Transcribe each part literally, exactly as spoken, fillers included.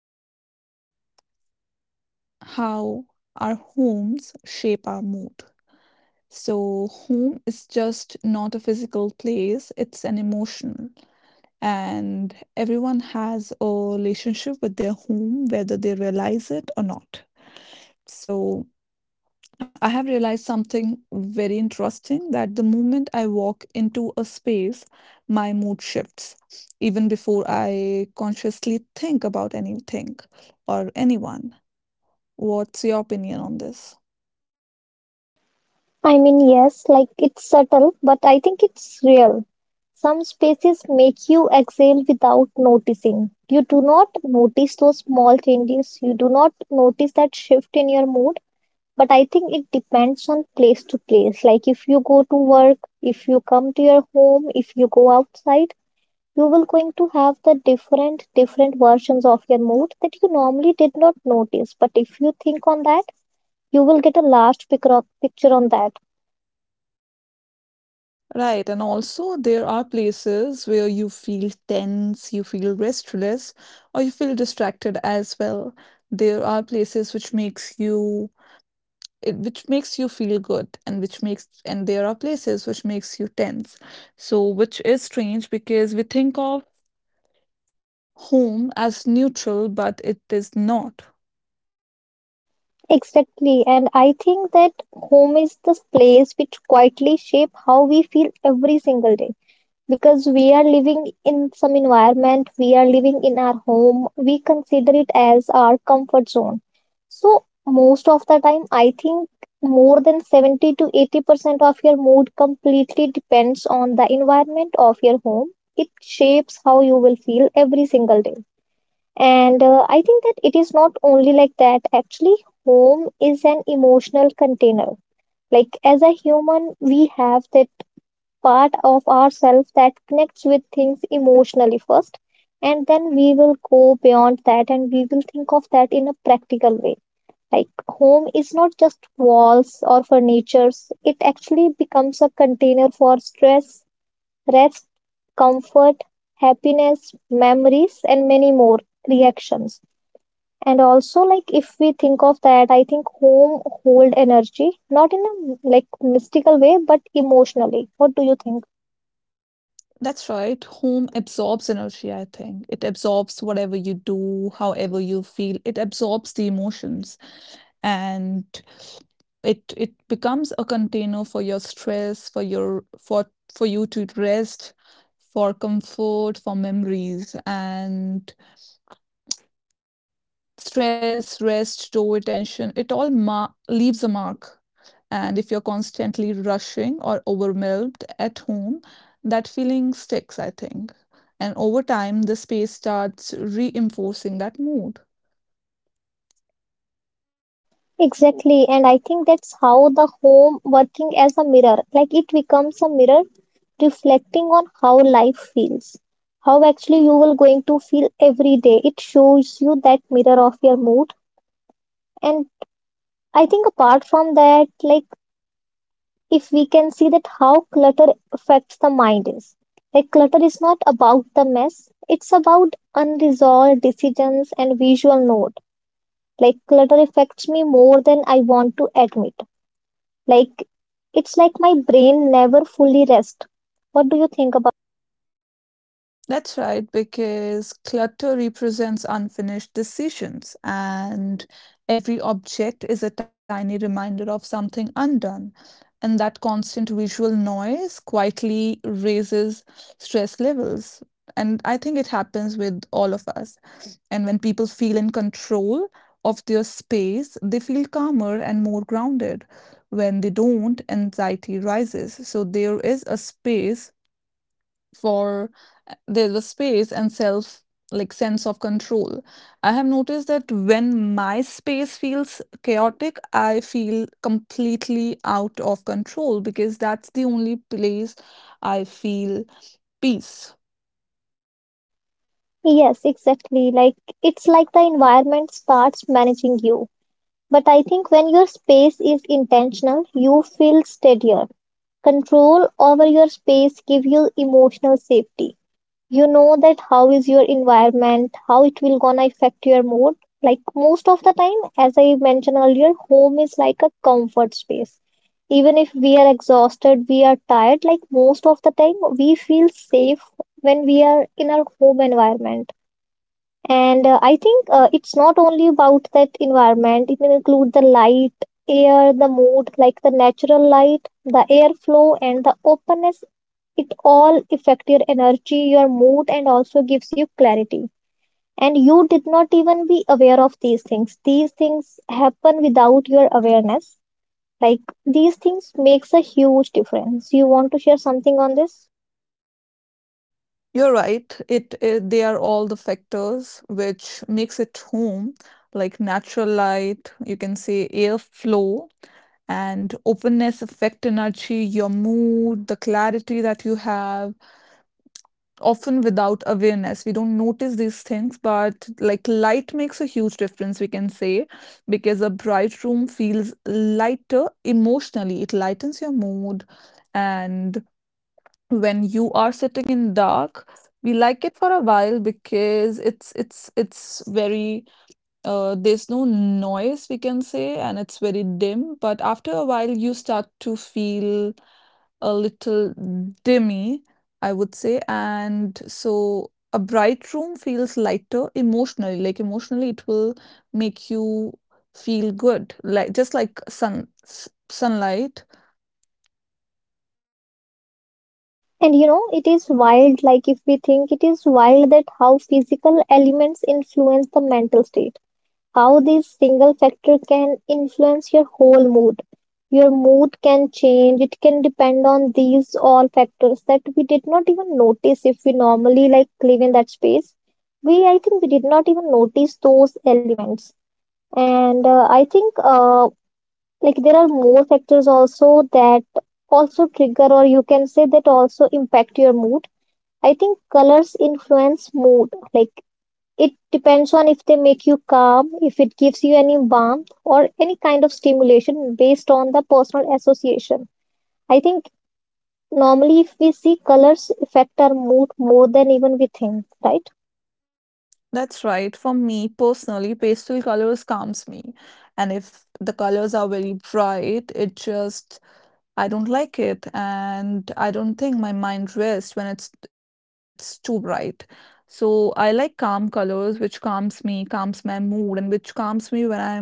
to be how our homes shape our mood. So, home is just not a physical place, it's an emotional. And everyone has a relationship with their home, whether they realize it or not. So, I have realized something very interesting that the moment I walk into a space, my mood shifts, even before I consciously think about anything or anyone. What's your opinion on this? I mean, yes, like it's subtle, but I think it's real. Some spaces make you exhale without noticing. You do not notice those small changes. You do not notice that shift in your mood. But I think it depends on place to place. Like if you go to work, if you come to your home, if you go outside, you will going to have the different different versions of your mood that you normally did not notice. But if you think on that, you will get a large pic- picture on that. Right, and also there are places where you feel tense, you feel restless, or you feel distracted as well. There are places which makes you it which makes you feel good and which makes and there are places which makes you tense, so which is strange because we think of home as neutral, but it is not. Exactly, and I think that home is the place which quietly shape how we feel every single day because we are living in some environment, we are living in our home, we consider it as our comfort zone. So most of the time, I think more than seventy to eighty percent of your mood completely depends on the environment of your home. It shapes how you will feel every single day. And uh, I think that it is not only like that. Actually, home is an emotional container. Like, as a human, we have that part of ourselves that connects with things emotionally first. And then we will go beyond that and we will think of that in a practical way. Like, home is not just walls or furnitures, it actually becomes a container for stress, rest, comfort, happiness, memories, and many more reactions. And also, like if we think of that, I think home hold energy, not in a like mystical way, but emotionally. What do you think? That's right. Home absorbs energy, I think. It absorbs whatever you do, however you feel. It absorbs the emotions, and it it becomes a container for your stress, for your for for you to rest, for comfort, for memories. And Stress, rest, store tension, it all ma- leaves a mark. And if you're constantly rushing or overwhelmed at home, that feeling sticks, I think. And over time, the space starts reinforcing that mood. Exactly, and I think that's how the home working as a mirror. Like it becomes a mirror reflecting on how life feels, how actually you will going to feel every day. It shows you that mirror of your mood. And I think apart from that, like if we can see that how clutter affects the mind is, like clutter is not about the mess, it's about unresolved decisions and visual note. Like clutter affects me more than I want to admit. Like it's like my brain never fully rests. What do you think about? That's right, because clutter represents unfinished decisions, and every object is a tiny reminder of something undone. And that constant visual noise quietly raises stress levels. And I think it happens with all of us. And when people feel in control of their space, they feel calmer and more grounded. When they don't, anxiety rises. So there is a space for, there's a space and self like sense of control. I have noticed that when my space feels chaotic, I feel completely out of control, because that's the only place I feel peace. Yes, exactly, like it's like the environment starts managing you. But I think when your space is intentional you feel steadier. Control over your space gives you emotional safety. You know that how is your environment, how it will gonna affect your mood. Like most of the time, as I mentioned earlier, home is like a comfort space. Even if we are exhausted, we are tired, like most of the time we feel safe when we are in our home environment. And uh, I think, uh, it's not only about that environment, it will include the light, air, the mood, like the natural light, the airflow, and the openness. It all affect your energy, your mood, and also gives you clarity. And you did not even be aware of these things. These things happen without your awareness. Like these things makes a huge difference. You want to share something on this? You're right, it, it, they are all the factors which makes it home, like natural light, you can say, airflow and openness affect energy, your mood, the clarity that you have, often without awareness we don't notice these things. But like light makes a huge difference, we can say, because a bright room feels lighter emotionally, it lightens your mood. And when you are sitting in dark, we like it for a while because it's it's it's very, uh, there's no noise, we can say, and it's very dim, but after a while you start to feel a little dimmy, I would say. And so a bright room feels lighter emotionally. Like emotionally, it will make you feel good, like just like sun s- sunlight. And you know, it is wild, like if we think it is wild that how physical elements influence the mental state, how this single factor can influence your whole mood. Your mood can change, it can depend on these all factors that we did not even notice if we normally like live in that space. We, I think, we did not even notice those elements. And uh, I think, uh, like, there are more factors also that also trigger, or you can say that also impact your mood. I think colors influence mood. Like, it depends on if they make you calm, if it gives you any warmth or any kind of stimulation based on the personal association. I think normally if we see colors affect our mood more than even we think, right? That's right. For me personally, pastel colors calms me. And if the colors are very bright, it just I don't like it, and I don't think my mind rests when it's it's too bright. So I like calm colors, which calms me, calms my mood, and which calms me when I'm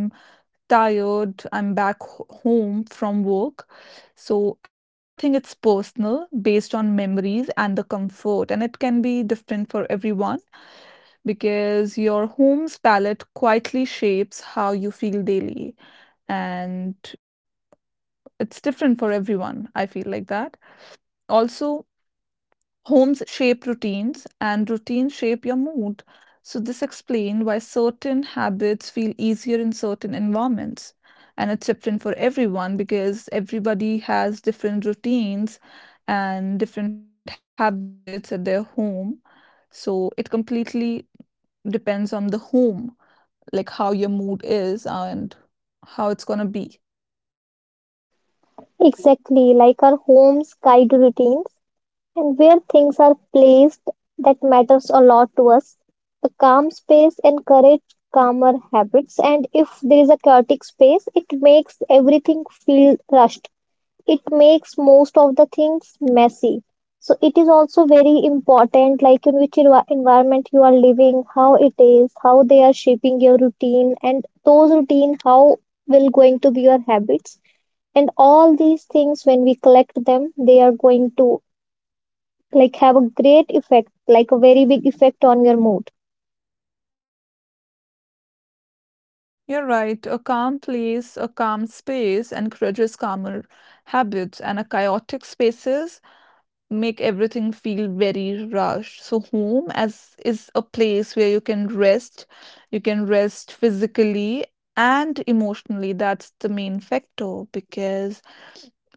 tired, I'm back ho- home from work. So I think it's personal, based on memories and the comfort, and it can be different for everyone, because your home's palette quietly shapes how you feel daily, and it's different for everyone. I feel like that. Also, homes shape routines and routines shape your mood. So this explains why certain habits feel easier in certain environments. And it's different for everyone because everybody has different routines and different habits at their home. So it completely depends on the home, like how your mood is and how it's gonna be. Exactly, like our homes guide routines and where things are placed, that matters a lot to us. A calm space encourages calmer habits, and if there is a chaotic space, it makes everything feel rushed. It makes most of the things messy. So it is also very important, like in which envi- environment you are living, how it is, how they are shaping your routine, and those routine how will going to be your habits. And all these things, when we collect them, they are going to like have a great effect, like a very big effect on your mood. You're right. A calm place, a calm space encourages calmer habits, and a chaotic spaces make everything feel very rushed. So home as is a place where you can rest, you can rest physically and emotionally. That's the main factor, because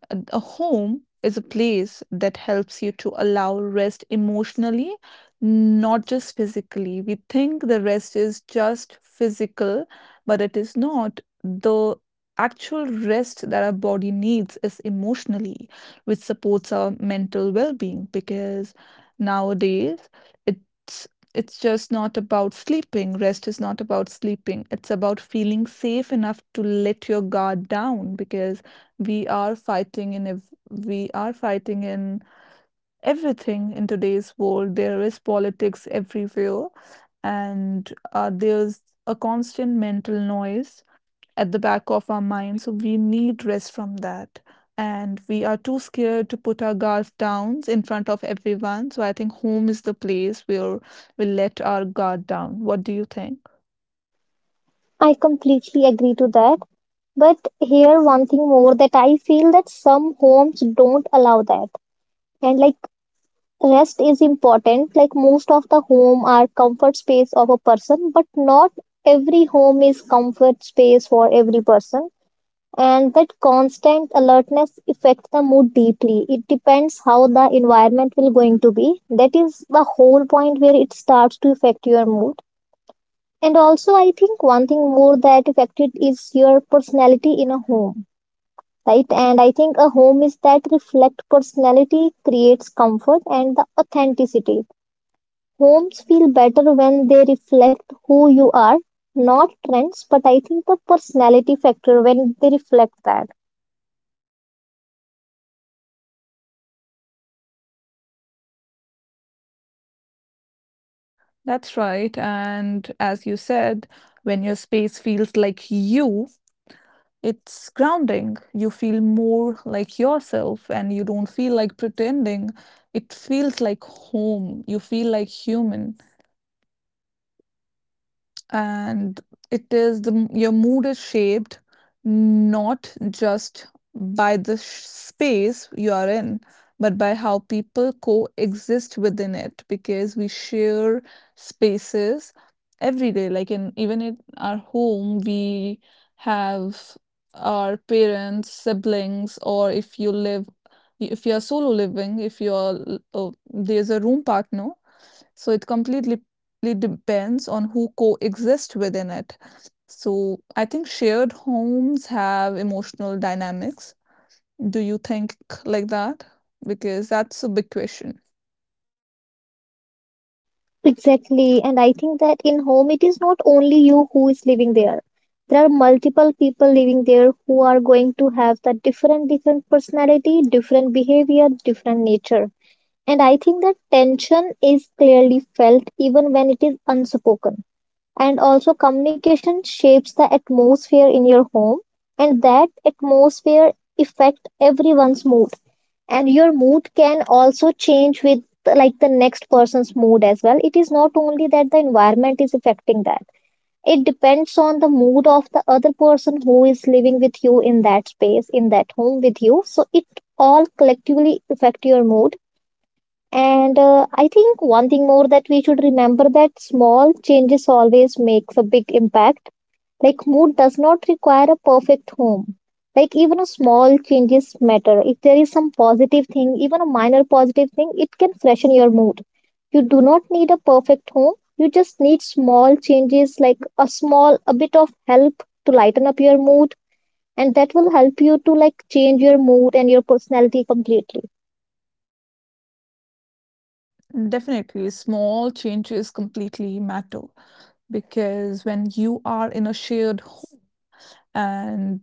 a a home is a place that helps you to allow rest emotionally, not just physically. We think the rest is just physical, but it is not. The actual rest that our body needs is emotionally, which supports our mental well-being, because nowadays it's it's just not about sleeping. Rest is not about sleeping. It's about feeling safe enough to let your guard down, because we are fighting in ev- we are fighting in everything in today's world, there is politics everywhere, and uh, there's a constant mental noise at the back of our mind, so we need rest from that. And we are too scared to put our guards down in front of everyone, so I think home is the place where we let our guard down. What do you think? I completely agree to that, but here one thing more that I feel that some homes don't allow that. And like rest is important. Like most of the home are comfort space of a person, but not every home is comfort space for every person. And that constant alertness affects the mood deeply. It depends how the environment will going to be. That is the whole point where it starts to affect your mood. And also, I think one thing more that affected is your personality in a home, right? And I think a home is that reflect personality, creates comfort and the authenticity. Homes feel better when they reflect who you are, not trends, but I think the personality factor when they reflect that. That's right, and as you said, when your space feels like you, it's grounding. You feel more like yourself and you don't feel like pretending. It feels like home. You feel like human, and it is the m- your mood is shaped not just by the sh- space you are in, but by how people coexist within it, because we share spaces every day, like, in even in our home we have our parents, siblings, or if you live, if you are solo living, if you are l- uh, there's a room partner, so it completely depends on who coexist within it. So I think shared homes have emotional dynamics. Do you think like that? Because that's a big question. Exactly. And I think that in home, it is not only you who is living there. There are multiple people living there who are going to have the different, different personality, different behavior, different nature. And I think that tension is clearly felt even when it is unspoken. And also communication shapes the atmosphere in your home, and that atmosphere affect everyone's mood. And your mood can also change with like the next person's mood as well. It is not only that the environment is affecting that. It depends on the mood of the other person who is living with you in that space, in that home with you, so it all collectively affect your mood. And uh, I think one thing more that we should remember, that small changes always makes a big impact. Like mood does not require a perfect home. Like even a small changes matter. If there is some positive thing, even a minor positive thing, it can freshen your mood. You do not need a perfect home. You just need small changes, like a small a bit of help to lighten up your mood, and that will help you to like change your mood and your personality completely. Definitely, small changes completely matter, because when you are in a shared and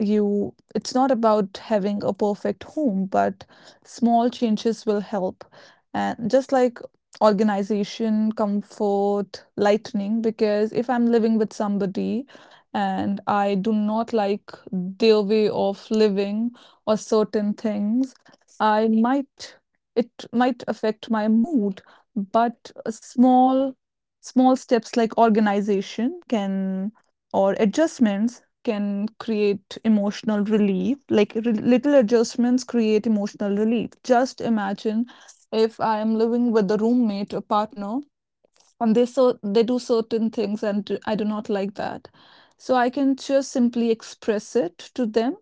you, it's not about having a perfect home, but small changes will help, and just like organization, comfort, lightning, because if I'm living with somebody and I do not like their way of living or certain things, I might, it might affect my mood, but a small small steps like organization can, or adjustments can create emotional relief. Like re- little adjustments create emotional relief. Just imagine if I am living with a roommate, a partner, and they so they do certain things and do- I do not like that, so I can just simply express it to them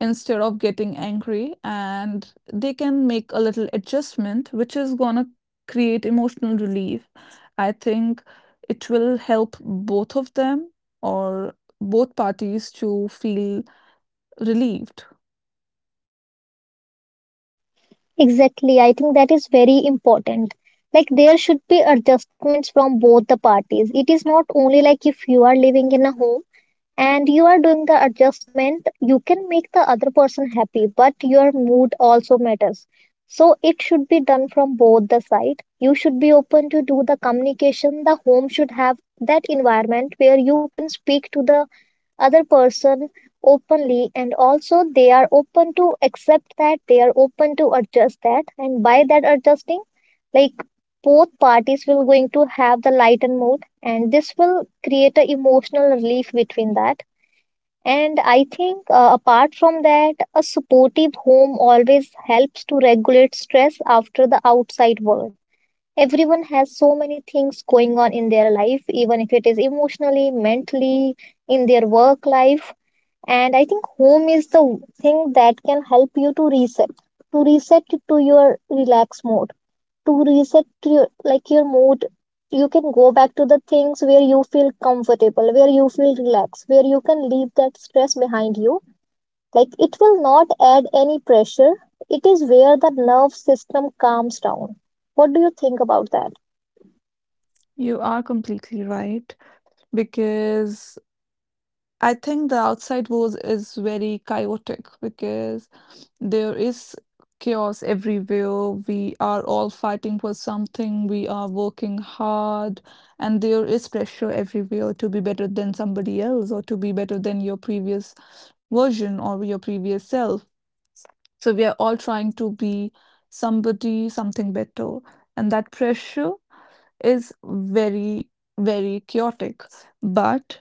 instead of getting angry, and they can make a little adjustment which is gonna create emotional relief. I think it will help both of them, or both parties, to feel relieved. Exactly. I think that is very important. Like there should be adjustments from both the parties. It is not only like if you are living in a home and you are doing the adjustment, you can make the other person happy, but your mood also matters. So it should be done from both the side. You should be open to do the communication. The home should have that environment where you can speak to the other person openly, and also they are open to accept that, they are open to adjust that, and by that adjusting, like both parties will going to have the lighten mood, and this will create a emotional relief between that. And I think, uh, apart from that, a supportive home always helps to regulate stress after the outside world. Everyone has so many things going on in their life, even if it is emotionally, mentally, in their work life. And I think home is the thing that can help you to reset, to reset to your relaxed mode, to reset to your, like your mood. You can go back to the things where you feel comfortable, where you feel relaxed, where you can leave that stress behind you. Like it will not add any pressure. It is where the nerve system calms down. What do you think about that? You are completely right, because I think the outside world is very chaotic, because there is chaos everywhere. We are all fighting for something. We are working hard, and there is pressure everywhere to be better than somebody else or to be better than your previous version or your previous self. So we are all trying to be somebody, something better. And that pressure is very, very chaotic. But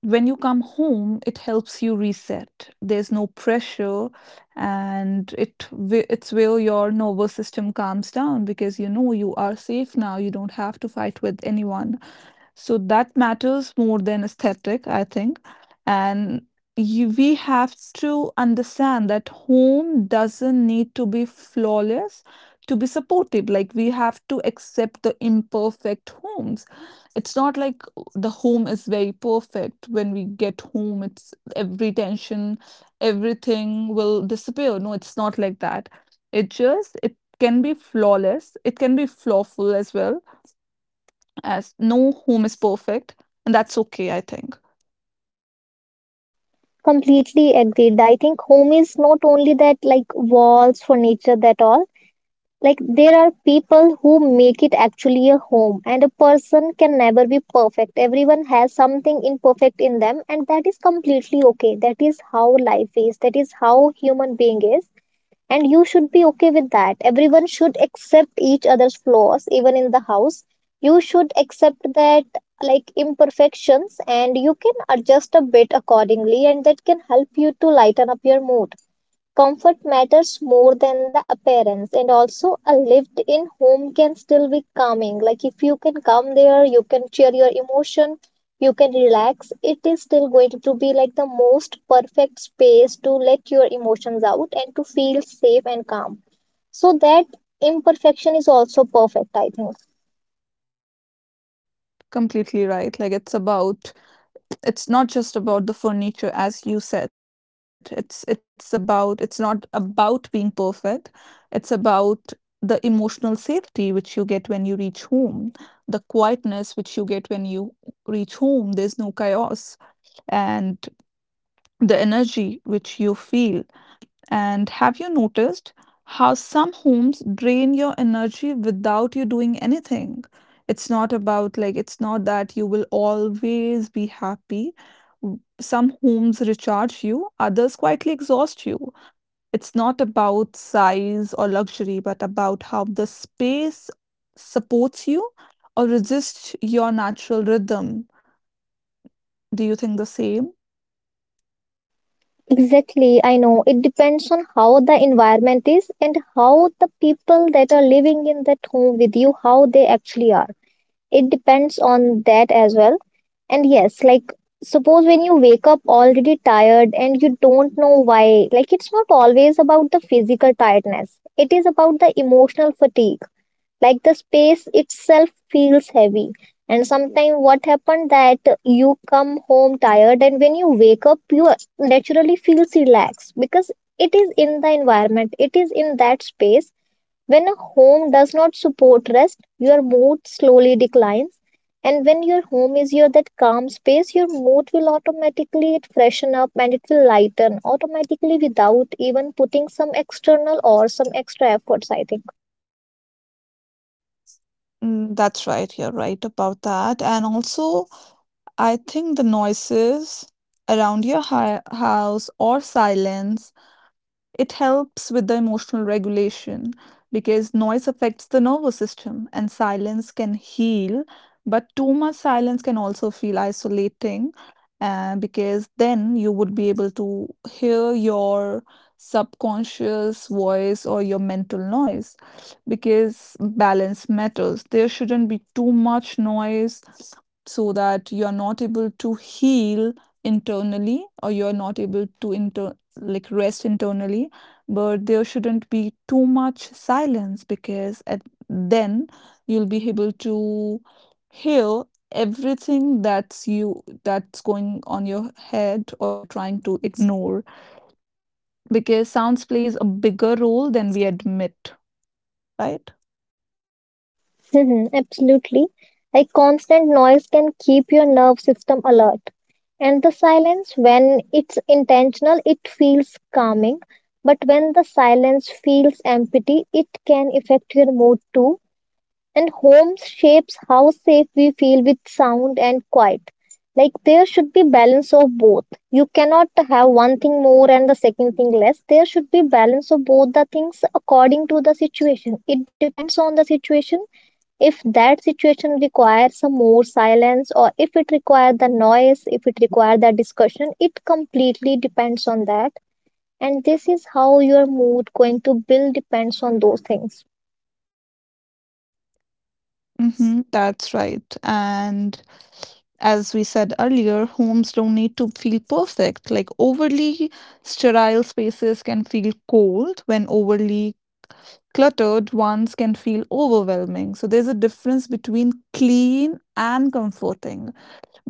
when you come home, it helps you reset. There's no pressure, and it whe- it's where your nervous system calms down, because you know you are safe now. You don't have to fight with anyone. So that matters more than aesthetic, I think. And you, we have to understand that home doesn't need to be flawless to be supportive. Like we have to accept the imperfect homes. It's not like the home is very perfect. When we get home, it's every tension, everything will disappear. No, it's not like that. It just, it can be flawless. It can be flawful as well, as no home is perfect, and that's okay, I think. Completely agreed. I think home is not only that like walls, furniture, that all. Like there are people who make it actually a home, and a person can never be perfect. Everyone has something imperfect in them, and that is completely okay. That is how life is. That is how human being is. And you should be okay with that. Everyone should accept each other's flaws, even in the house. You should accept that, like imperfections, and you can adjust a bit accordingly, and that can help you to lighten up your mood. Comfort matters more than the appearance, and also a lived in home can still be calming. Like if you can come there, you can share your emotion, you can relax. It is still going to be like the most perfect space to let your emotions out and to feel safe and calm. So that imperfection is also perfect, I think. Completely right, like it's about, it's not just about the furniture, as you said, it's it's about, it's not about being perfect, it's about the emotional safety which you get when you reach home, the quietness which you get when you reach home, there's no chaos, and the energy which you feel. And have you noticed how some homes drain your energy without you doing anything? It's not about like, it's not that you will always be happy. W- Some homes recharge you, others quietly exhaust you. It's not about size or luxury, but about how the space supports you or resists your natural rhythm. Do you think the same? Exactly, I know. It depends on how the environment is and how the people that are living in that home with you, how they actually are. It depends on that as well. And yes, like, suppose when you wake up already tired and you don't know why, like it's not always about the physical tiredness, it is about the emotional fatigue. Like the space itself feels heavy. And sometimes what happened that you come home tired and when you wake up you naturally feels relaxed because it is in the environment, it is in that space. When a home does not support rest, your mood slowly declines. And when your home is your that calm space, your mood will automatically it freshen up and it will lighten automatically without even putting some external or some extra efforts, I think. Mm, that's right. You're right about that. And also, I think the noises around your hi house or silence, it helps with the emotional regulation, because noise affects the nervous system and silence can heal, but too much silence can also feel isolating, uh, because then you would be able to hear your subconscious voice or your mental noise, because balance matters. There shouldn't be too much noise so that you're not able to heal internally, or you're not able to inter- like rest internally, but there shouldn't be too much silence, because at then you'll be able to hear everything that's you, that's going on your head or you're trying to ignore, because sounds plays a bigger role than we admit, right? Mhm, absolutely. Like constant noise can keep your nerve system alert. And the silence, when it's intentional, it feels calming. But when the silence feels empty, it can affect your mood too. And home shapes how safe we feel with sound and quiet. Like there should be balance of both. You cannot have one thing more and the second thing less. There should be balance of both the things according to the situation. It depends on the situation. If that situation requires some more silence, or if it requires the noise, if it requires the discussion, it completely depends on that. And this is how your mood going to build depends on those things. Mhm, that's right. And as we said earlier, homes don't need to feel perfect. Like overly sterile spaces can feel cold, when overly cluttered ones can feel overwhelming. So there's a difference between clean and comforting,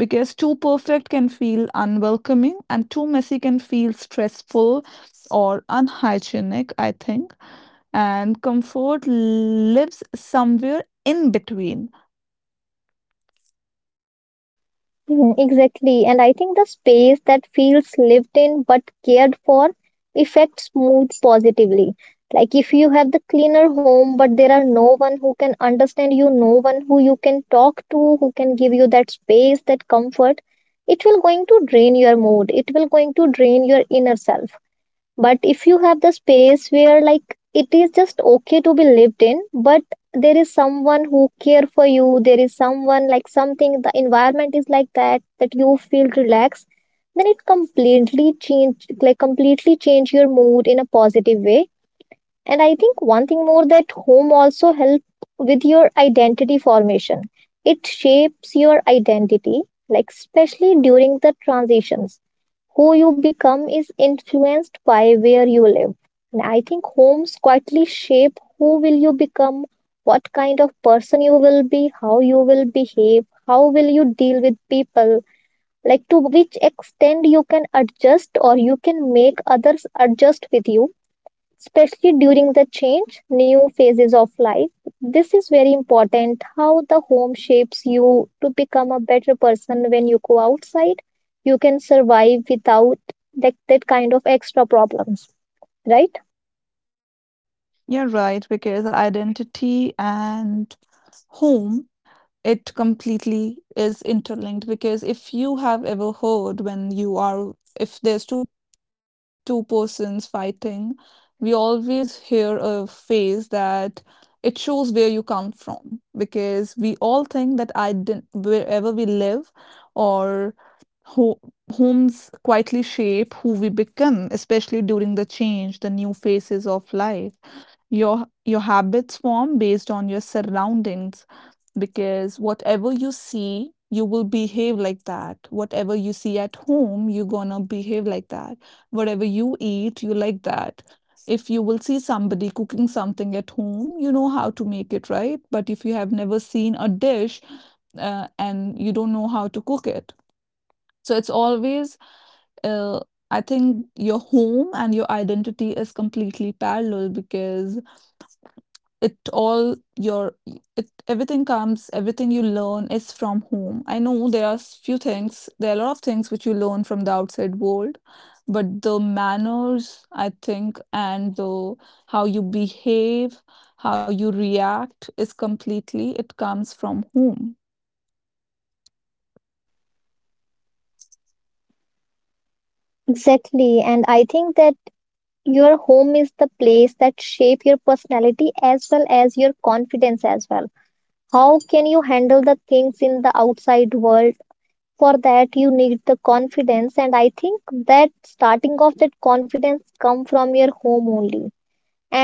because too perfect can feel unwelcoming and too messy can feel stressful or unhygienic, I think. And comfort lives somewhere in between. Mm, exactly. And I think the space that feels lived in but cared for affects mood positively. Like if you have the cleaner home, but there are no one who can understand you, no one who you can talk to, who can give you that space, that comfort, it will going to drain your mood. It will going to drain your inner self. But if you have the space where, like, it is just okay to be lived in, but there is someone who care for you, there is someone like something, the environment is like that, that you feel relaxed, then it completely change, like completely change your mood in a positive way. And I think one thing more that home also help with your identity formation. It shapes your identity, like especially during the transitions, who you become is influenced by where you live. And I think homes quietly shape who will you become, what kind of person you will be, how you will behave, how will you deal with people, like to which extent you can adjust or you can make others adjust with you, especially during the change, new phases of life. This is very important how the home shapes you to become a better person when you go outside. You can survive without that, that kind of extra problems, right? You're right, because identity and home, it completely is interlinked, because if you have ever heard, when you are, if there's two two persons fighting, we always hear a phrase that it shows where you come from, because we all think that I didn't wherever we live, or ho homes quietly shape who we become, especially during the change, the new phases of life. Your your habits form based on your surroundings, because whatever you see you will behave like that, whatever you see at home you're gonna behave like that, whatever you eat you like that, if you will see somebody cooking something at home, you know how to make it, right? But if you have never seen a dish, uh, and you don't know how to cook it, so it's always, uh, I think your home and your identity is completely parallel, because it all your it everything comes, everything you learn is from home. I know there are s- few things, there are a lot of things which you learn from the outside world, but the manners, I think, and the how you behave, how you react, is completely, it comes from home. Exactly. And I think that your home is the place that shape your personality as well as your confidence as well. How can you handle the things in the outside world? For that you need the confidence, and I think that starting off that confidence come from your home only.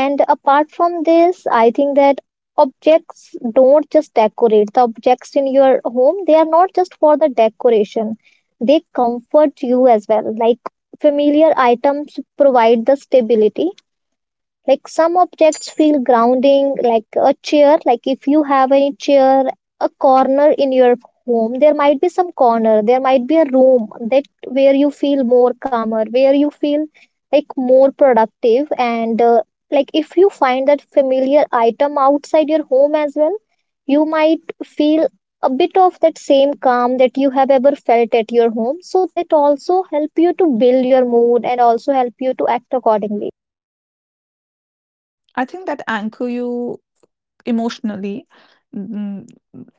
And apart from this, I think that objects don't just decorate, the objects in your home, they are not just for the decoration, they comfort you as well. Like familiar items provide the stability, like some objects feel grounding, like a chair. Like if you have any chair, a corner in your home, there might be some corner, there might be a room that, where you feel more calmer, where you feel like more productive, and uh, like if you find that familiar item outside your home as well, you might feel a bit of that same calm that you have ever felt at your home. So that also help you to build your mood and also help you to act accordingly. I think that anchor you emotionally, mm,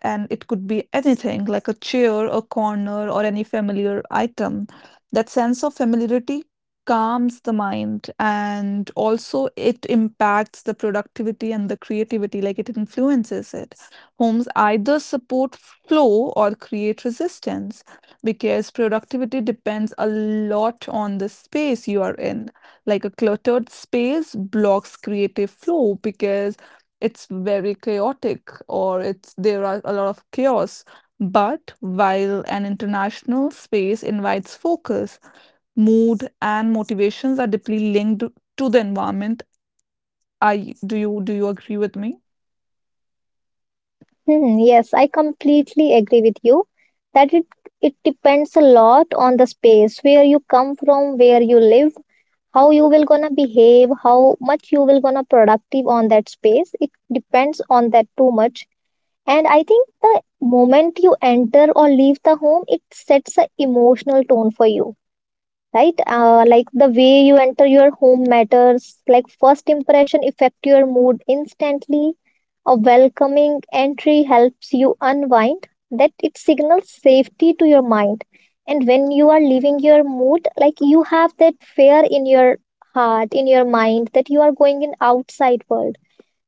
and it could be anything, like a chair, a corner, or any familiar item. That sense of familiarity calms the mind, and also it impacts the productivity and the creativity, like it influences it. Homes either support flow or create resistance, because productivity depends a lot on the space you are in. Like a cluttered space blocks creative flow, because it's very chaotic, or it's there are a lot of chaos. But while an international space invites focus, mood and motivations are deeply linked to the environment. I do you do you agree with me? Hmm, yes, I completely agree with you that it it depends a lot on the space where you come from, where you live, how you will gonna behave, how much you will gonna productive on that space. It depends on that too much. And I think the moment you enter or leave the home, it sets a emotional tone for you, right? Uh, like the way you enter your home matters, like first impression affect your mood instantly. A welcoming entry helps you unwind, that it signals safety to your mind. And when you are leaving your mood, like you have that fear in your heart, in your mind, that you are going in outside world,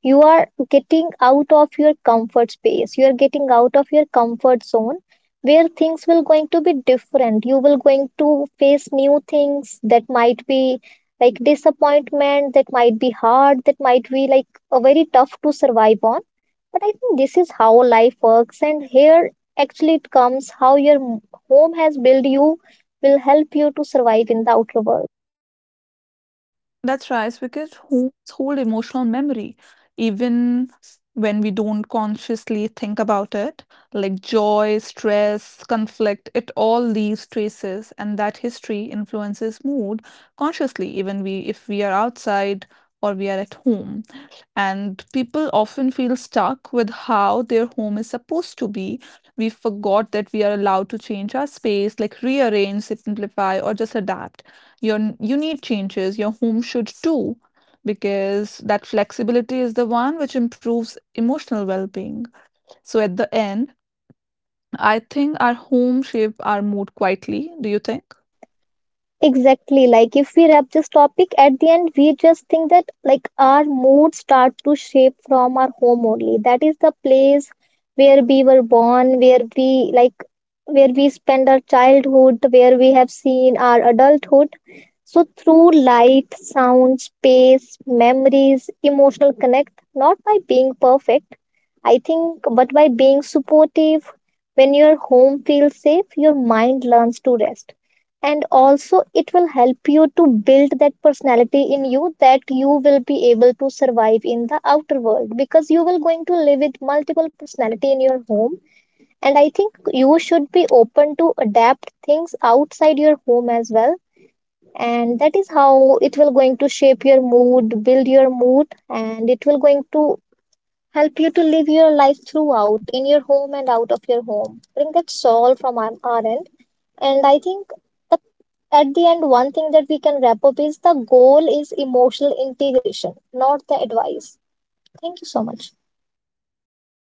you are getting out of your comfort space, you are getting out of your comfort zone, where things will going to be different, you will going to face new things that might be like disappointment, that might be hard, that might be like a very tough to survive on. But I think this is how life works, and here actually it comes how your m- home has built you, will help you to survive in the outer world. That's right, because homes hold emotional memory, even when we don't consciously think about it. Like joy, stress, conflict, it all leaves traces, and that history influences mood consciously, even we if we are outside or we are at home. And people often feel stuck with how their home is supposed to be. We forgot that we are allowed to change our space, like rearrange, simplify, or just adapt. Your, you need changes, your home should too, because that flexibility is the one which improves emotional well being. So at the end, I think our home shape our mood quietly. Do you think? Exactly. Like if we wrap this topic at the end, we just think that like our moods start to shape from our home only. That is the place where we were born, where we like, where we spend our childhood, where we have seen our adulthood. So through light, sound, space, memories, emotional connect, not by being perfect, I think, but by being supportive. When your home feels safe, your mind learns to rest. And also, it will help you to build that personality in you that you will be able to survive in the outer world because you will going to live with multiple personality in your home. And I think you should be open to adapt things outside your home as well, and that is how it will going to shape your mood, build your mood, and it will going to help you to live your life throughout in your home and out of your home. I think that's all from our, our end. And I think that at the end, one thing that we can wrap up is the goal is emotional integration, not the advice. Thank you so much.